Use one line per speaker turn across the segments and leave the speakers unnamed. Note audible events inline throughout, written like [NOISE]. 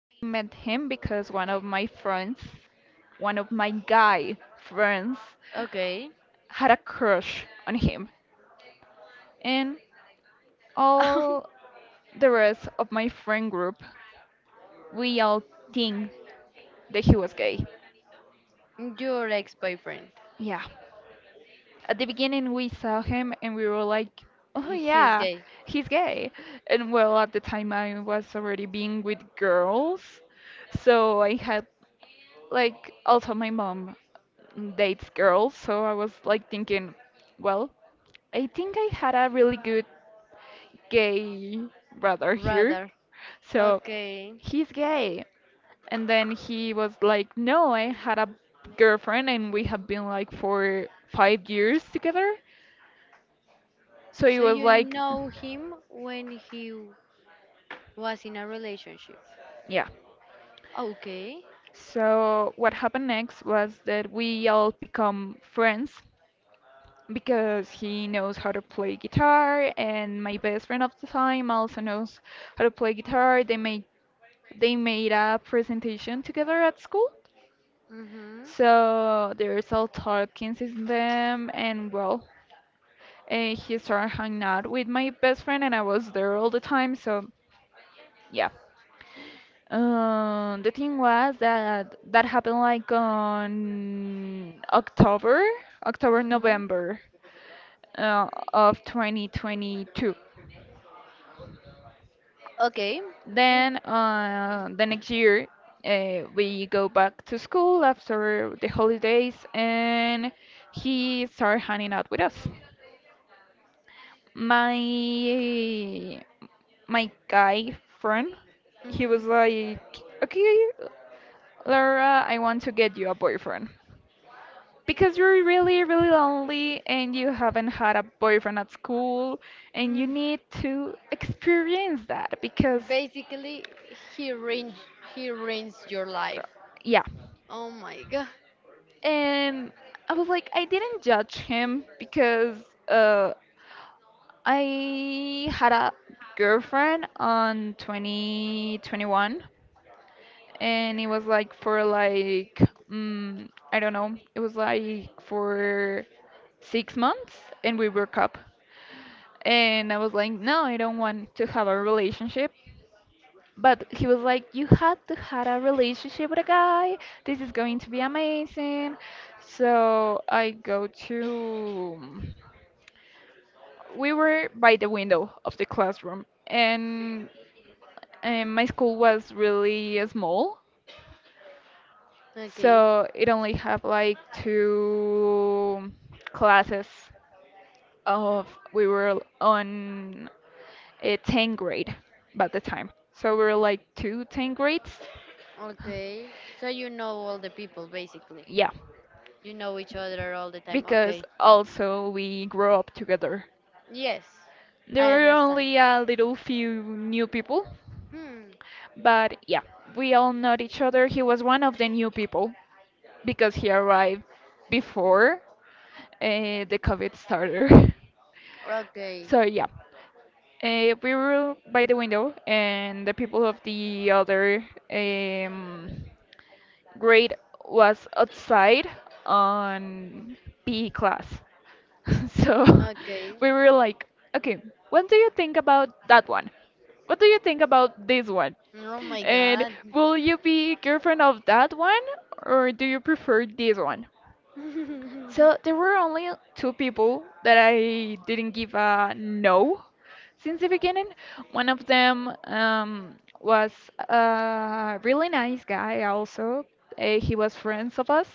I met him because one of my friends, one of my guy friends,
okay.
had a crush on him. And
[LAUGHS]
all the rest of my friend group, we all think that he was gay.
Your ex-boyfriend.
Yeah. At the beginning, we saw him and we were like, oh
He is
yeah,
gay.
he's gay. And well, at the time, I was already being with girls. So I had like also my mom dates girls, so I was like thinking, well, I think I had a really good gay brother here.
Rather,
So
okay.
he's gay. And then he was like, no, I had a girlfriend and we have been like for 5 years together. So it
So
was
you
like,
know him when he was in a relationship.
yeah.
Okay.
So what happened next was that we all become friends because he knows how to play guitar and my best friend of the time also knows how to play guitar. They made a presentation together at school.
Mhm.
So there's all talking since them and well, he started hanging out with my best friend and I was there all the time. So yeah. The thing was that that happened like on October, October,
Mhm.
November of 2022.
Okay. Mm,
Then the next year, we go back to school after the holidays, and he started hanging out with us. My my guy friend, he was
mhm.
like, "Okay, Laura, I want to get you a boyfriend because you're really, really lonely and you haven't had a boyfriend at school, and you
Mm.
need to experience that because,
Basically, he ruins your life.
yeah."
Oh my [LAUGHS] god.
Um, I was like, I didn't judge him because uh, I had a girlfriend on 2021, and it was like for like, I don't know, it was like for 6 months, and we broke up. And I was like, no, I don't want to have a relationship. But he was like, you had to have a relationship with a guy. This is going to be amazing. So I go to. We were by the window of the classroom, and my school was really small.
Okay.
So it only had like two classes of. We were on a 10th grade by the time. So we were like two tenth grades.
Okay. So you know all the people basically.
Yeah.
You know each other all the time.
Because
Okay.
also we grew up together.
Yes,
There
I
were
understand.
only a little few new people,
Hmm.
but yeah, we all know each other. He was one of the new people because he arrived before the COVID started. [LAUGHS]
Okay.
So yeah, we were by the window, and the people of the other um, grade was outside on PE class. [LAUGHS] So
Okay.
[LAUGHS] we were like, okay, what do you think about that one? What do you think about this one?
Oh my
And
god.
will you be girlfriend of that one or do you prefer this one?
[LAUGHS]
So there were only two people that I didn't give a no since the beginning. One of them was a really nice guy, also. He was friends of us.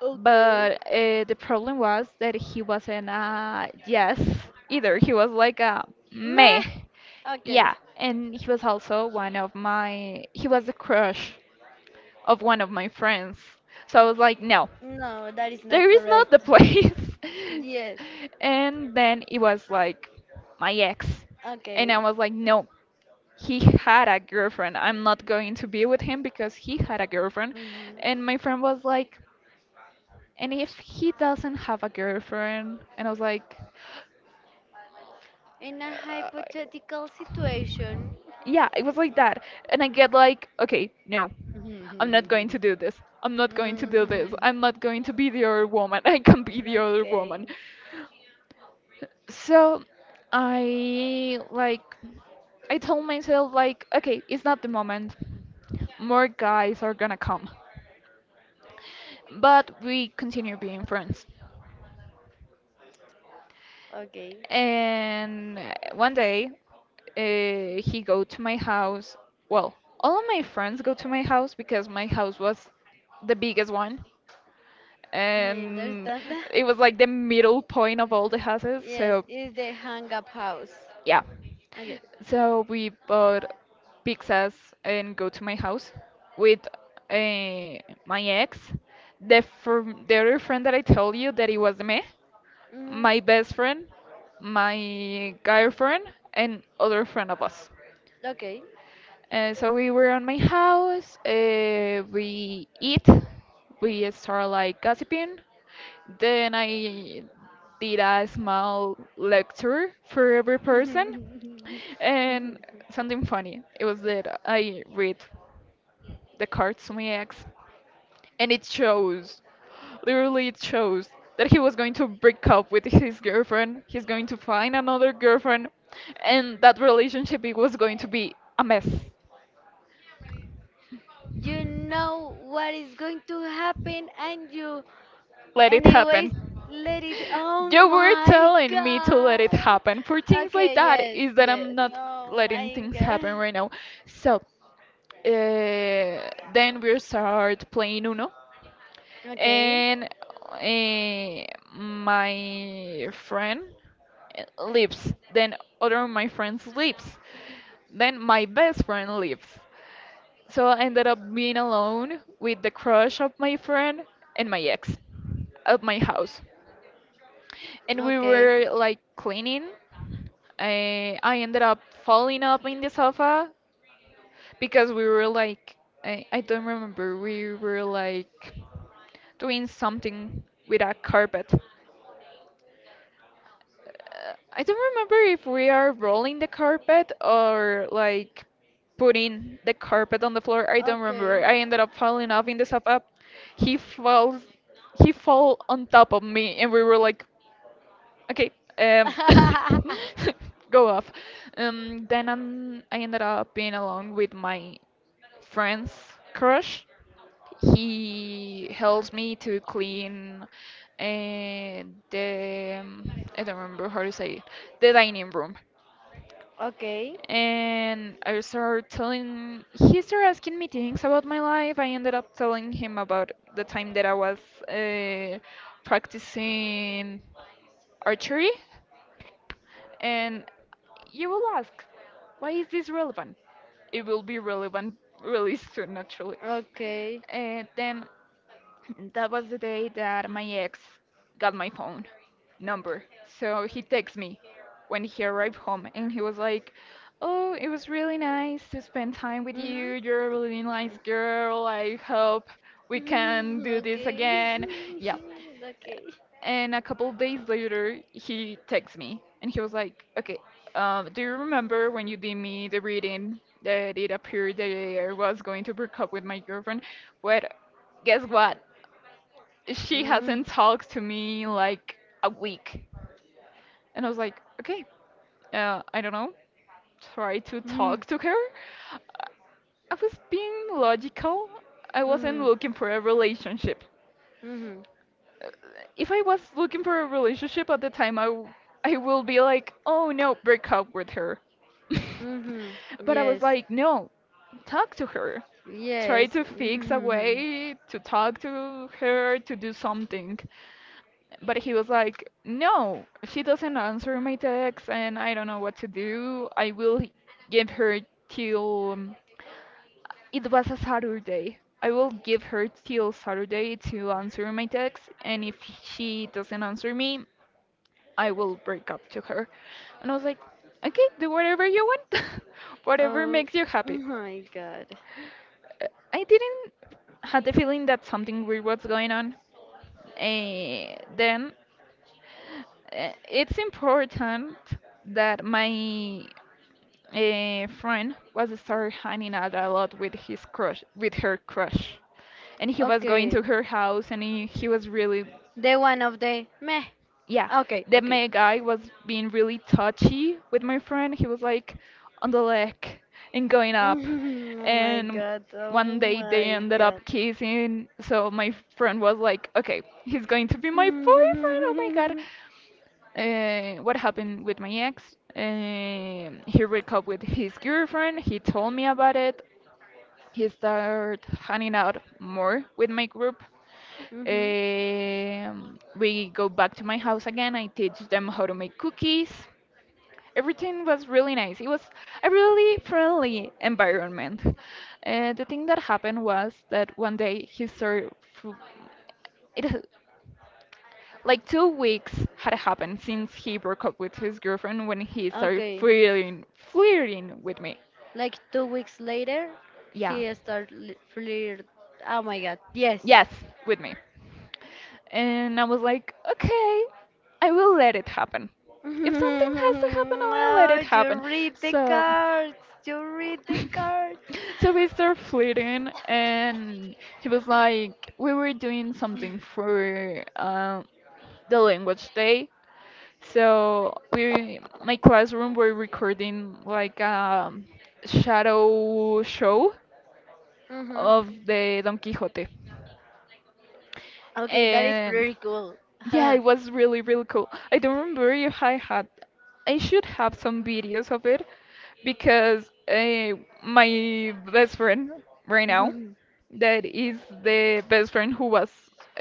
Okay.
But the problem was that he wasn't a yes either. He was like a meh.
Meh. Okay.
Yeah. And he was also one of my, he was the crush of one of my friends. So I was like, no,
No, that is
there
not
is not the
correct.
place.
Yes.
[LAUGHS] And then it was like my ex. And I
Okay.
was like, no, he had a girlfriend. I'm not going to be with him because he had a girlfriend.
Mhm.
And my friend was like, and if he doesn't have a girlfriend? And I was like,
In a
uh,
hypothetical situation.
yeah, it was like that. And I get like, okay, no,
[LAUGHS]
I'm not going to do this. I'm not going to do this.
Hmm.
I'm not going to be the other woman. [LAUGHS] I can be the other
Okay.
woman. So I like I told myself like okay, it's not the moment. More guys are gonna come. But we continue being friends.
Okay.
And one day he go to my house. Well, all of my friends go to my house because my house was the biggest one
I
and
understand. [LAUGHS]
it was like the middle point of all the houses.
Yes,
So
it's the hang up house.
yeah.
Okay.
So we bought pizzas and go to my house with uh, my ex, the the other friend that I told you that it was me, my
Mhm.
best friend, my girlfriend, and other friend of us.
Okay.
So we were on my house. We eat. We start like gossiping. Then I did a small lecture for every person,
[LAUGHS]
and something funny. It was that I read the cards to my ex, and it shows, literally it shows that he was going to break up with his girlfriend. He's going to find another girlfriend, and that relationship it was going to be a mess.
You know what is going to happen and you
Let it
anyways
happen.
let it. Oh
You were
my
telling me to let it happen. For
god.
things like
Okay,
that,
yes,
is that I'm
yes.
not
Oh
letting
my
things happen
god.
right now. So, then we start playing Uno,
Okay.
and my friend leaves. Then other of my friends leaves. Then my best friend leaves. So I ended up being alone with the crush of my friend and my ex at my house and we
Okay.
were like cleaning. I ended up falling up in the sofa because we were like, I don't remember, we were like doing something with a carpet. I don't remember if we are rolling the carpet or like putting the carpet on the floor. I don't
Okay.
remember. I ended up falling off in the sofa. He falls, he fell on top of me, and we were like okay, um, [LAUGHS]
[LAUGHS]
go off. Then I ended up being alone with my friend's crush. He helps me to clean uh, the I don't remember how to say it, the dining room.
Okay.
And I started telling, he started asking me things about my life. I ended up telling him about the time that I was uh, practicing archery. And you will ask, why is this relevant? It will be relevant really soon, actually.
Okay.
And then that was the day that my ex got my phone number. So he texted me when he arrived home and he was like, oh, it was really nice to spend time with
Mhm.
you. You're a really nice girl. I hope we can
Mm,
do this
okay. [LAUGHS]
again. Yeah.
Okay.
And a couple of days later, he texts me and he was like, okay, do you remember when you did me the reading that it appeared that I was going to break up with my girlfriend? Well, guess what? She
Mm,
hasn't talked to me in like a week. And I was like, okay, I don't know, try to
mm,
talk to her. I was being logical, I wasn't
mm,
looking for a relationship.
mm.
If I was looking for a relationship at the time, I will be like, oh no, break up with her.
Mm-hmm.
[LAUGHS] But I was
Yes.
like, no, talk to her. Try
Yes.
to fix a
[LAUGHS] Mm-hmm.
way to talk to her, to do something. But he was like, no, she doesn't answer my texts and I don't know what to do. I will give her till it was a Saturday. I will give her till Saturday to answer my text, and if she doesn't answer me, I will break up to her. And I was like, okay, do whatever you want, [LAUGHS] whatever
Oh,
makes you
oh
happy.
my God.
Uh, I didn't had the feeling that something weird was going on. Then it's important that my a friend was started hanging out a lot with his crush, with her crush, and he was going
Okay.
to her house, and he was really,
Day one of the meh.
yeah,
Okay.
the
Okay.
ma guy was being really touchy with my friend. He was like on the leg and going up,
[LAUGHS] Oh my
and
God. Oh
one day they
my
ended up
God.
kissing. So my friend was like, okay, he's going to be my boyfriend. Oh my god.
[LAUGHS]
What happened with my ex. He broke up with his girlfriend. He told me about it. He started hanging out more with my group.
Mm-hmm.
We go back to my house again. I teach them how to make cookies. Everything was really nice. It was a really friendly environment. The thing that happened was that one day he started. It, like 2 weeks had happened since he broke up with his girlfriend when he started
Okay.
flirting with me.
Like 2 weeks later,
Yeah.
he started flirt. Oh my God. Yes.
Yes, with me. And I was like, okay, I will let it happen.
[LAUGHS]
If something has to happen, I will let it
No, you
happen.
read the
So,
cards. You read the
[LAUGHS]
cards.
so we started flirting, and he was like, we were doing something for the language day. So we, my classroom were recording like a shadow show
Mm-hmm.
of the Don Quixote,
Okay, that is
and
pretty cool. [LAUGHS]
yeah, it was really, really cool. I don't remember if I had, I should have some videos of it because my best friend right now,
Mhm.
that is the best friend who was,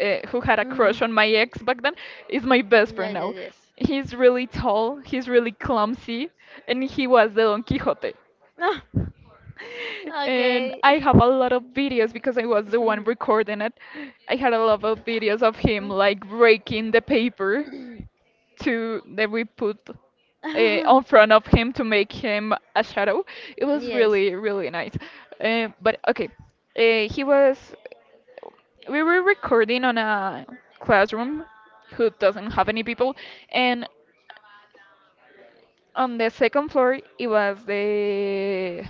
who had a crush on
Mhm.
my ex back then, is my best friend
Yes,
now.
yes,
He's really tall, he's really clumsy, and he was the Don Quixote. [LAUGHS]
yes. [LAUGHS]
And
Okay.
I have a lot of videos because I was the one
[LAUGHS]
recording it. I had a lot of videos of him like breaking the paper to that we put uh, on front of him to make him a shadow. It was
Yes.
really really nice. But okay, he was. We were recording on a classroom who doesn't have any people, and on the second floor it was the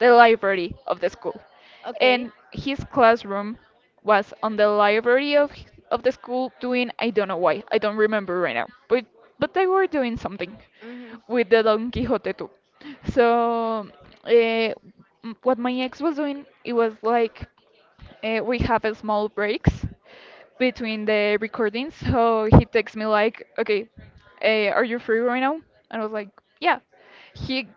library of the school.
Okay.
And his classroom was on the library of the school doing I don't know why. I don't remember right now. But they were doing something
Hmm.
with the Don Quixote too. So uh, what my ex was doing, it was like we have a small breaks between the recordings. So he texts me like, "Okay, are you free right now?" And I was like, "Yeah." He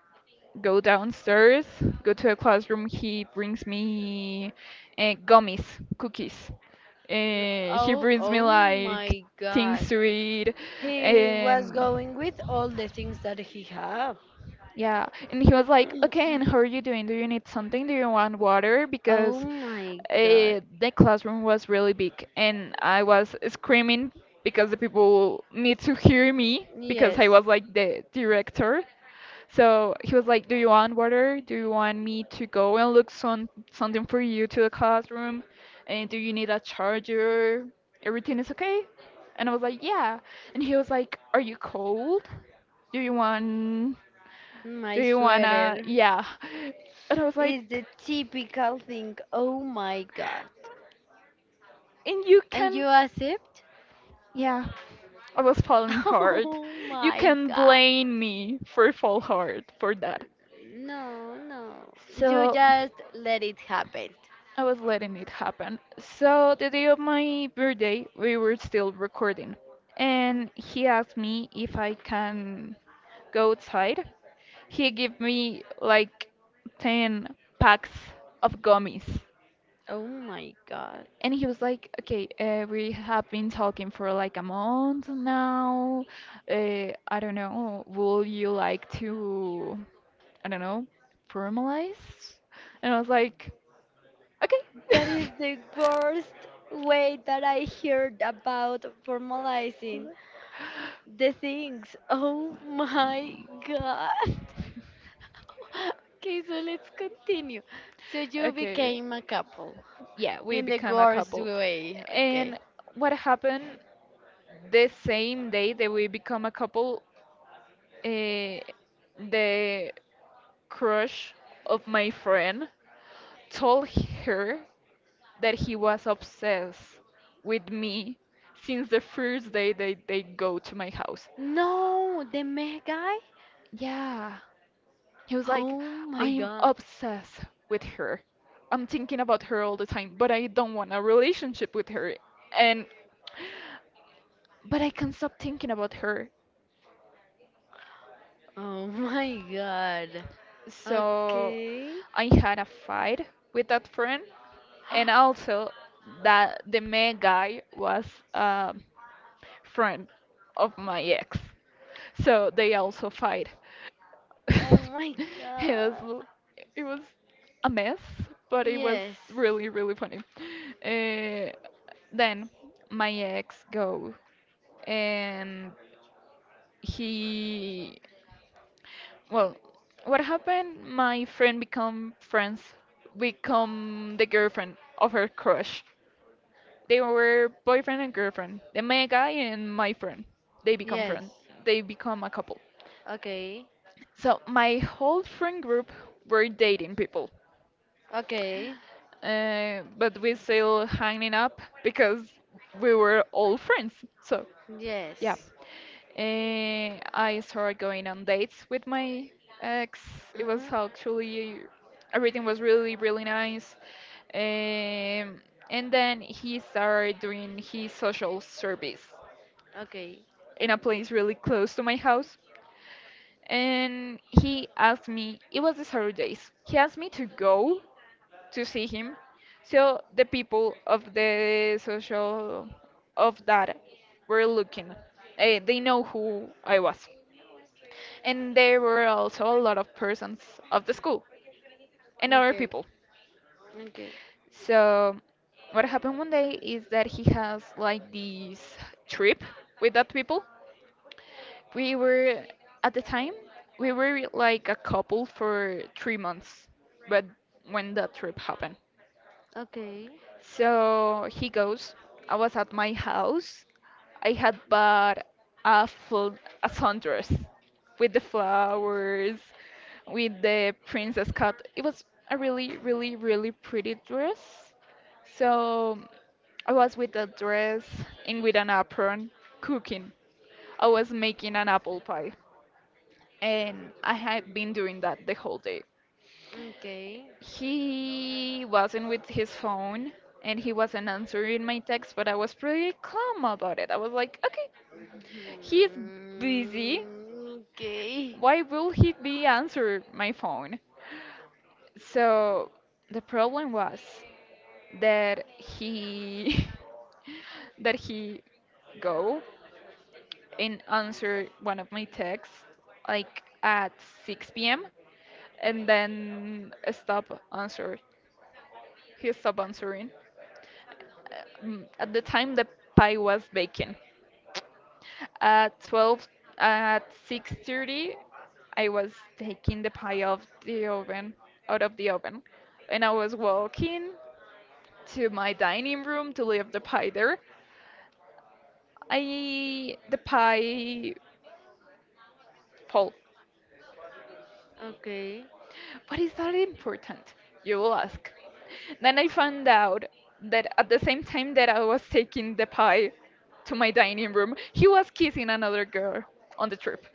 go downstairs, go to a classroom. He brings me gummies, cookies. He
Oh,
brings me
oh
like
my God.
things to eat,
He was
and
going with all the things that he have.
yeah, and he was like,
[CLEARS THROAT]
"Okay, and how are you doing? Do you need something? Do you want water?"
Oh
Because
my God.
the classroom was really big, and I was screaming because the people need to hear me because
Yes,
I was like the director. So he was like, "Do you want water? Do you want me to go and look some something for you to the classroom? And do you need a charger? Everything is okay?" And I was like, "Yeah." And he was like, "Are you cold? Do you want? Do
my
you wanna?"
sweater
Yeah. [LAUGHS] And I was
is the
like,
typical thing. Oh my God.
and you
And
can,
you accept?
yeah. I was falling
[LAUGHS]
hard.
Oh
You
my
can
God.
blame me for fall hard for that.
No, no. You
So
just let it happen.
I was letting it happen. So the day of my birthday, we were still recording,
Mm.
and he asked me if I can go outside. He gave me like 10 packs of gummies.
Oh my god.
And he was like, okay, we have been talking for like a month now. Uh, I don't know, will you like to, I don't know, formalize? And I was like, okay.
That is the
[LAUGHS]
worst way that I heard about formalizing the things. Oh my god. [LAUGHS] Okay, so let's continue. So you
Okay.
became a couple
Yeah, we
in the
become a
worst
couple.
way. Okay.
And what happened the same day that we become a couple, uh, the crush of my friend told her that he was obsessed with me since the first day they go to my house.
No, the meh guy?
Yeah. He was like,
Oh my
I'm
god.
obsessed with her. I'm thinking about her all the time, but I don't want a relationship with her. And but I can't stop thinking about her.
Oh my god.
So
Okay.
I had a fight with that friend, and
[GASPS]
also that the main guy was a friend of my ex. So they also fight. [LAUGHS]
Oh my
It was
god.
l- it was a mess, but it was
Yes.
really really funny. Uh, then my ex go and he well, what happened? My friend become friends, become the girlfriend of her crush. They were boyfriend and girlfriend. The my guy and my friend. They become
Yes.
friend. They become a couple.
Okay.
So my whole friend group were dating people,
Okay.
but we still hanging up because we were all friends. So yeah,
Yes.
Eh, I started going on dates with my ex. It was
Mhm.
actually everything was really, really nice. Um, and then he started doing his social service
Okay.
in a place really close to my house. And he asked me, it was the Saturdays. He asked me to go to see him. So the people of the social of that were looking. Eh, they know who I was. And there were also a lot of persons of the school and
Okay.
other
Okay.
people. So what happened one day is that he has like this trip with that people. We were at the time we were like a couple for 3 months, but when that trip happened,
Okay. Okay.
so he goes, I was at my house. I had bought a full a sundress with the flowers, with the princess cut. It was a really, really, really pretty dress. So I was with a dress and with an apron cooking. I was making an apple pie and I had been doing that the whole day. He wasn't with his phone and he wasn't answering my text, but I was pretty calm about it. I was like, okay, he's busy.
Mhm. Okay.
Why will he be answering my phone? So the problem was that he [LAUGHS] that he go and answer one of my texts like at 6 p.m. and then stop answer. He stopped answering. At the time the pie was baking. At 12, at 6:30, I was taking the pie off the oven, out of the oven, and I was walking to my dining room to leave the pie there. I the pie fall.
Okay.
But is that important? You will ask. Then I found out that at the same time that I was taking the pie to my dining room, he was kissing another girl on the trip.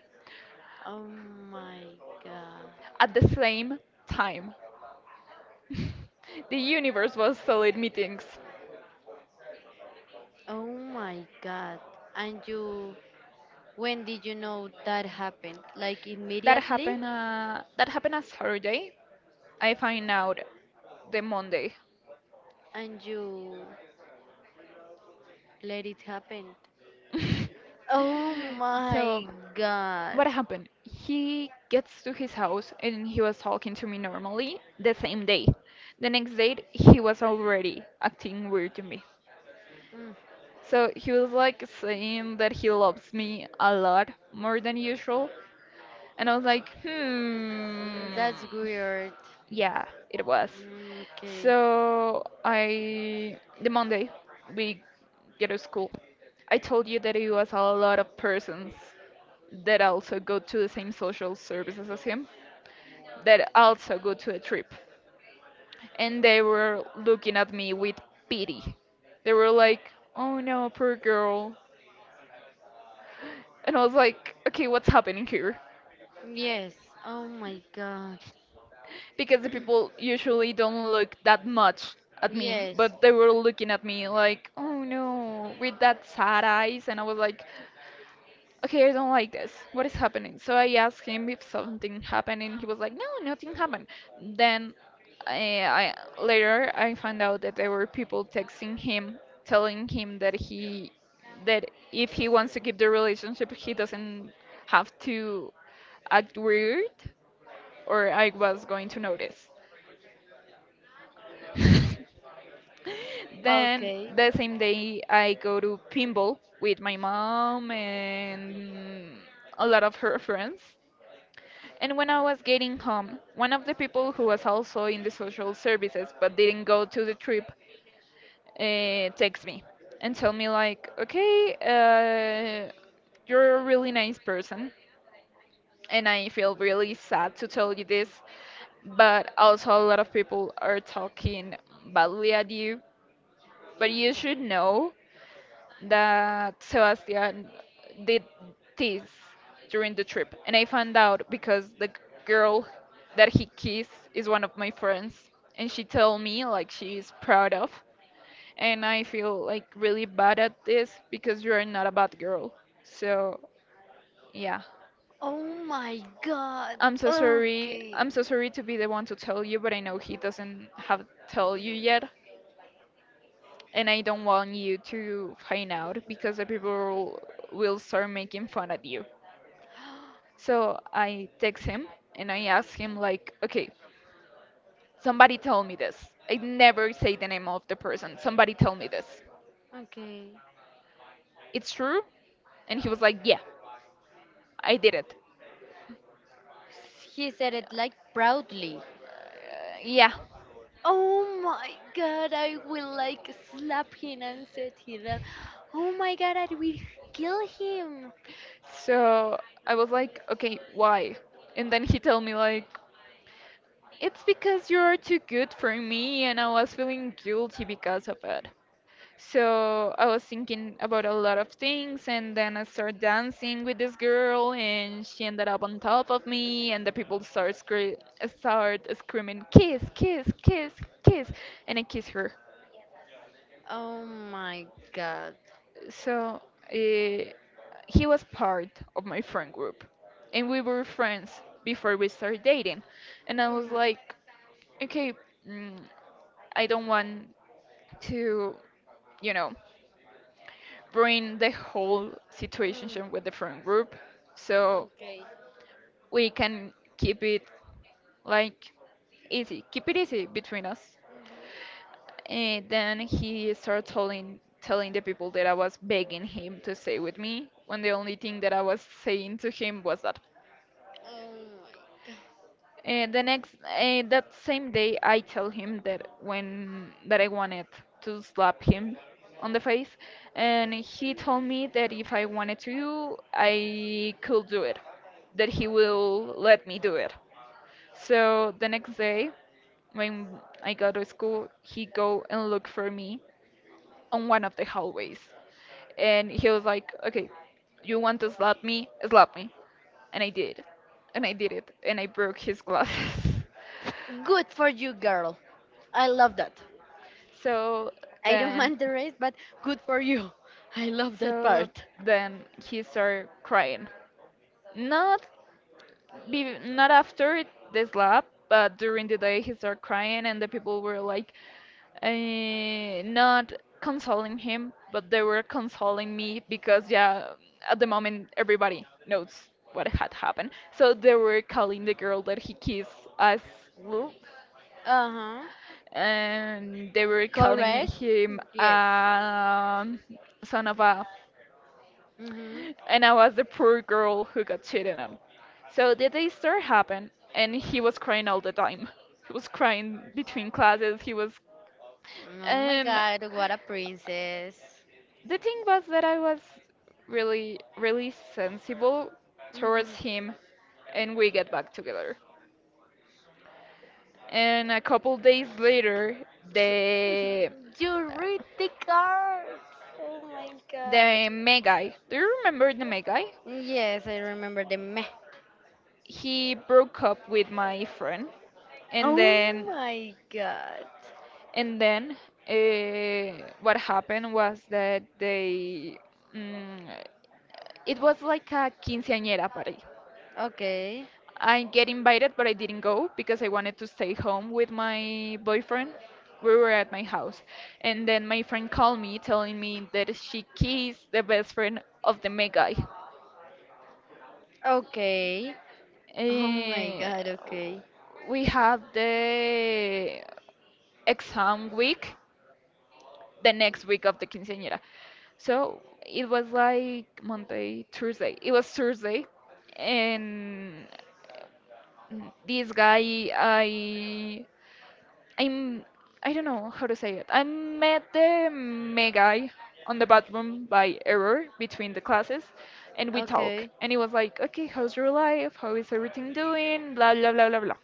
Oh my god.
At the same time. [LAUGHS] The universe was solid meetings.
Oh my God. And you, when did you know that happened? Like
That
immediately?
happened. That happened a Saturday. I find out the Monday.
And you let it happen?
[LAUGHS]
Oh
So
my God.
what happened? He gets to his house and he was talking to me normally the same day. The next day he was already acting weird to me.
Mm,
So he was like saying that he loves me a lot more than usual. And I was like,
mm,
hmm,
that's weird.
yeah, it was.
Mm, okay.
So I, the Monday, we get to school. I told you that it was a lot of persons that also go to the same social services as him, that also go to a trip. And they were looking at me with pity. They were like, oh no, poor girl. And I was like, okay, what's happening here?
Yes. Oh my God.
Because the people usually don't look that much at me,
Yes.
but they were looking at me like, oh no, with that sad eyes, and I was like, okay, I don't like this. What is happening? So I asked him if something happened, and he was like, no, nothing happened. Then I later I found out that there were people texting him, telling him that he that if he wants to keep the relationship, he doesn't have to act weird, or I was going to notice. [LAUGHS] Then
Okay.
the same day I go to pinball with my mom and a lot of her friends. And when I was getting home, one of the people who was also in the social services but didn't go to the trip texts me and tell me like, okay, you're a really nice person, and I feel really sad to tell you this, but also a lot of people are talking badly at you. But you should know that Sebastian did this during the trip, and I found out because the girl that he kissed is one of my friends, and she told me like she's proud of, and I feel like really bad at this because you are not a bad girl. So yeah,
Oh my God.
I'm so sorry.
Okay.
I'm so sorry to be the one to tell you, but I know he doesn't have tell you yet, and I don't want you to find out because the people will start making fun of you.
[GASPS]
So I text him and I ask him like, okay, somebody told me this. I never say the name of the person. Somebody told me this.
Okay.
It's true? And he was like, yeah, I did it.
He said it like proudly.
Uh, yeah.
Oh my god, I will like slap him and set him up. Oh my god, I will kill him.
So I was like, okay, why? And then he told me like, it's because you're too good for me and I was feeling guilty because of it. So I was thinking about a lot of things, and then I started dancing with this girl, and she ended up on top of me, and the people start screaming, "Kiss, kiss, kiss, kiss," and I kiss her.
Oh my god.
So uh, he was part of my friend group, and we were friends before we started dating. And I was
Mm,
like, okay, mm, I don't want to, you know. bring the whole
mm,
situation with the friend group so
okay.
we can keep it like easy keep it easy between us
Mhm.
and then he started telling the people that I was begging him to stay with me when the only thing that I was saying to him was that
Oh my god.
The next that same day, I tell him that when that I wanted to slap him on the face, and he told me that if I wanted to, I could do it, that he will let me do it. So the next day, when I go to school, he go and look for me on one of the hallways, and he was like, "Okay, you want to slap me? Slap me." And I did, and I did it, and I broke his glasses. [LAUGHS]
Good for you, girl. I love that.
So
I don't
then,
mind the rest, but good for you. [LAUGHS] I love that
so
part.
then he started crying. Not not after the slap, but during the day he started crying, and the people were like, not consoling him, but they were consoling me because yeah, at the moment everybody knows what had happened. So they were calling the girl that he kissed as Lou.
Uh huh.
And they were calling
Correct?
him
Yes.
son of a,
Mm hmm.
and I was the poor girl who got cheated on. So the disaster happened, and he was crying all the time. He was crying between classes. He was,
Oh my
and
god, what a princess.
the thing was that I was really, really sensible towards
Mhm.
him, and we get back together. And a couple days later, the
You read the cards. Oh my god.
the Megai. Do you remember the Megai?
Yes, I remember the meh.
He broke up with my friend and
Oh
then
my god.
and then what happened was that they mm, it was like a quinceañera party.
Okay.
I get invited but I didn't go because I wanted to stay home with my boyfriend. We were at my house, and then my friend called me telling me that she kissed the best friend of the main guy.
Okay. Oh my
Eh,
god, okay.
we have the exam week, the next week of the quinceañera. So it was like Monday, Tuesday. It was Thursday, and this guy, I'm, I don't know how to say it. I met the May guy on the bathroom by error between the classes, and we talk.
Okay.
And he was like, "Okay, how's your life? How is everything doing? Blah blah blah blah blah."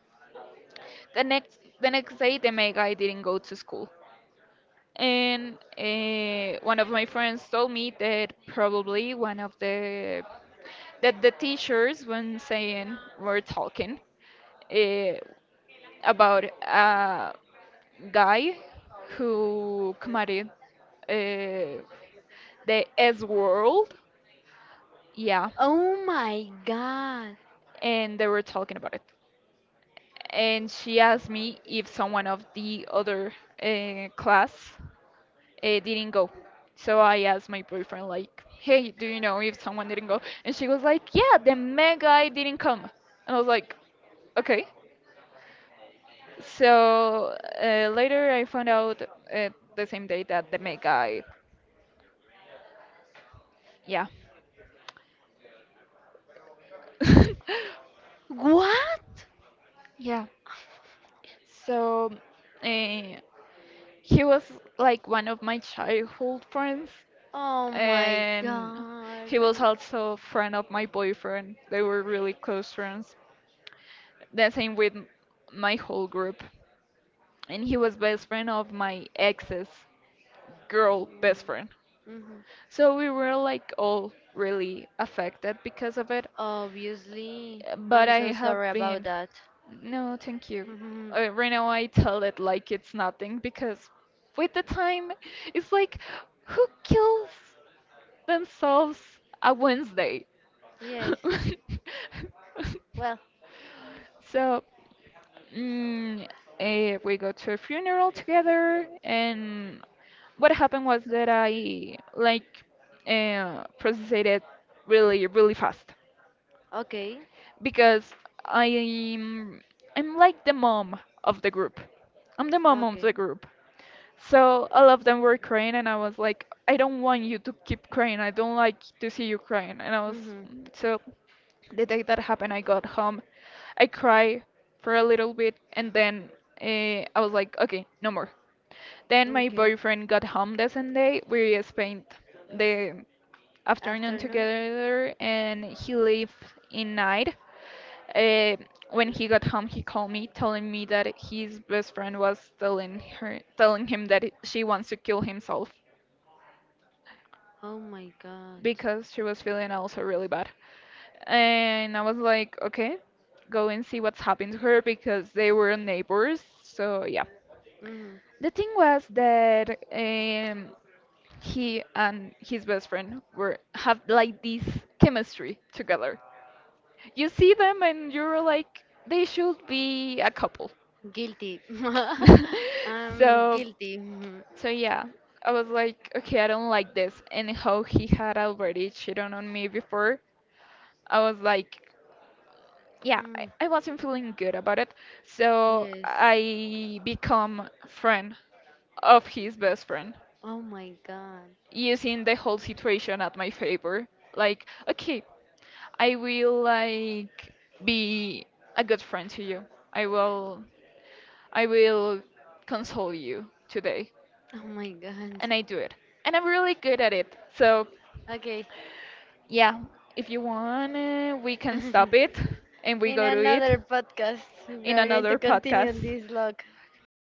The next day, the May guy didn't go to school. And one of my friends told me that probably one of the that the teachers when saying were talking uh, about a guy who committed uh, the S world, yeah,
Oh my god.
and they were talking about it. And she asked me if someone of the other class didn't go. So I asked my boyfriend, like, hey, do you know if someone didn't go? And she was like, yeah, the mad guy didn't come. And I was like, okay. So later I found out the same day that the mad guy, yeah. [LAUGHS]
What?
Yeah. So uh, he was like one of my childhood friends,
Oh my
and
god.
he was
Mm-hmm.
also a friend of my boyfriend. They were really close friends. The same with my whole group. And he was best friend of my ex's girl best friend.
Mm-hmm.
So we were like all really affected because of it.
Obviously.
But
I'm so
I have
sorry about
been,
that.
no, thank you.
[LAUGHS]
Right now I tell it like it's nothing because with the time, it's like who kills themselves a Wednesday?
Yes.
[LAUGHS]
Well,
So Mm, we go to a funeral together, and what happened was that I like processed it really, really fast
okay,
because I'm I'm like the mom of the group. I'm the mom of
okay.
the group. So all of them were crying, and I was like, I don't want you to keep crying. I don't like to see you crying. And I was
Mhm.
so the day that happened, I got home. I cried for a little bit and then I was like, okay, no more. Then my
Okay.
boyfriend got home the same day. We spent the afternoon
Afternoon.
together and he lived in night. Uh, when he got home, he called me telling me that his best friend was telling him that she wants to kill himself
Oh my God.
because she was feeling also really bad. And I was like, okay, go and see what's happened to her because they were neighbors. So yeah.
Mhm.
The thing was that he and his best friend were have like this chemistry together. You see them and you're like they should be a couple.
Guilty.
[LAUGHS]
[LAUGHS] I'm
so
guilty. Mhm.
so yeah, I was like okay, I don't like this. And how he had already cheated on me before, I was like yeah,
Mm,
I wasn't feeling good about it. So
yes.
I become friend of his best friend,
Oh my God.
using the whole situation at my favor. Like, okay, I will like be a good friend to you. I will I will console you today.
Oh my God.
And I do it. And I'm really good at it. So,
Okay.
yeah, if you want, we can stop
[LAUGHS]
it and we
In
go to it
another podcast, we
in
are going
another
to continue
podcast.
this log history.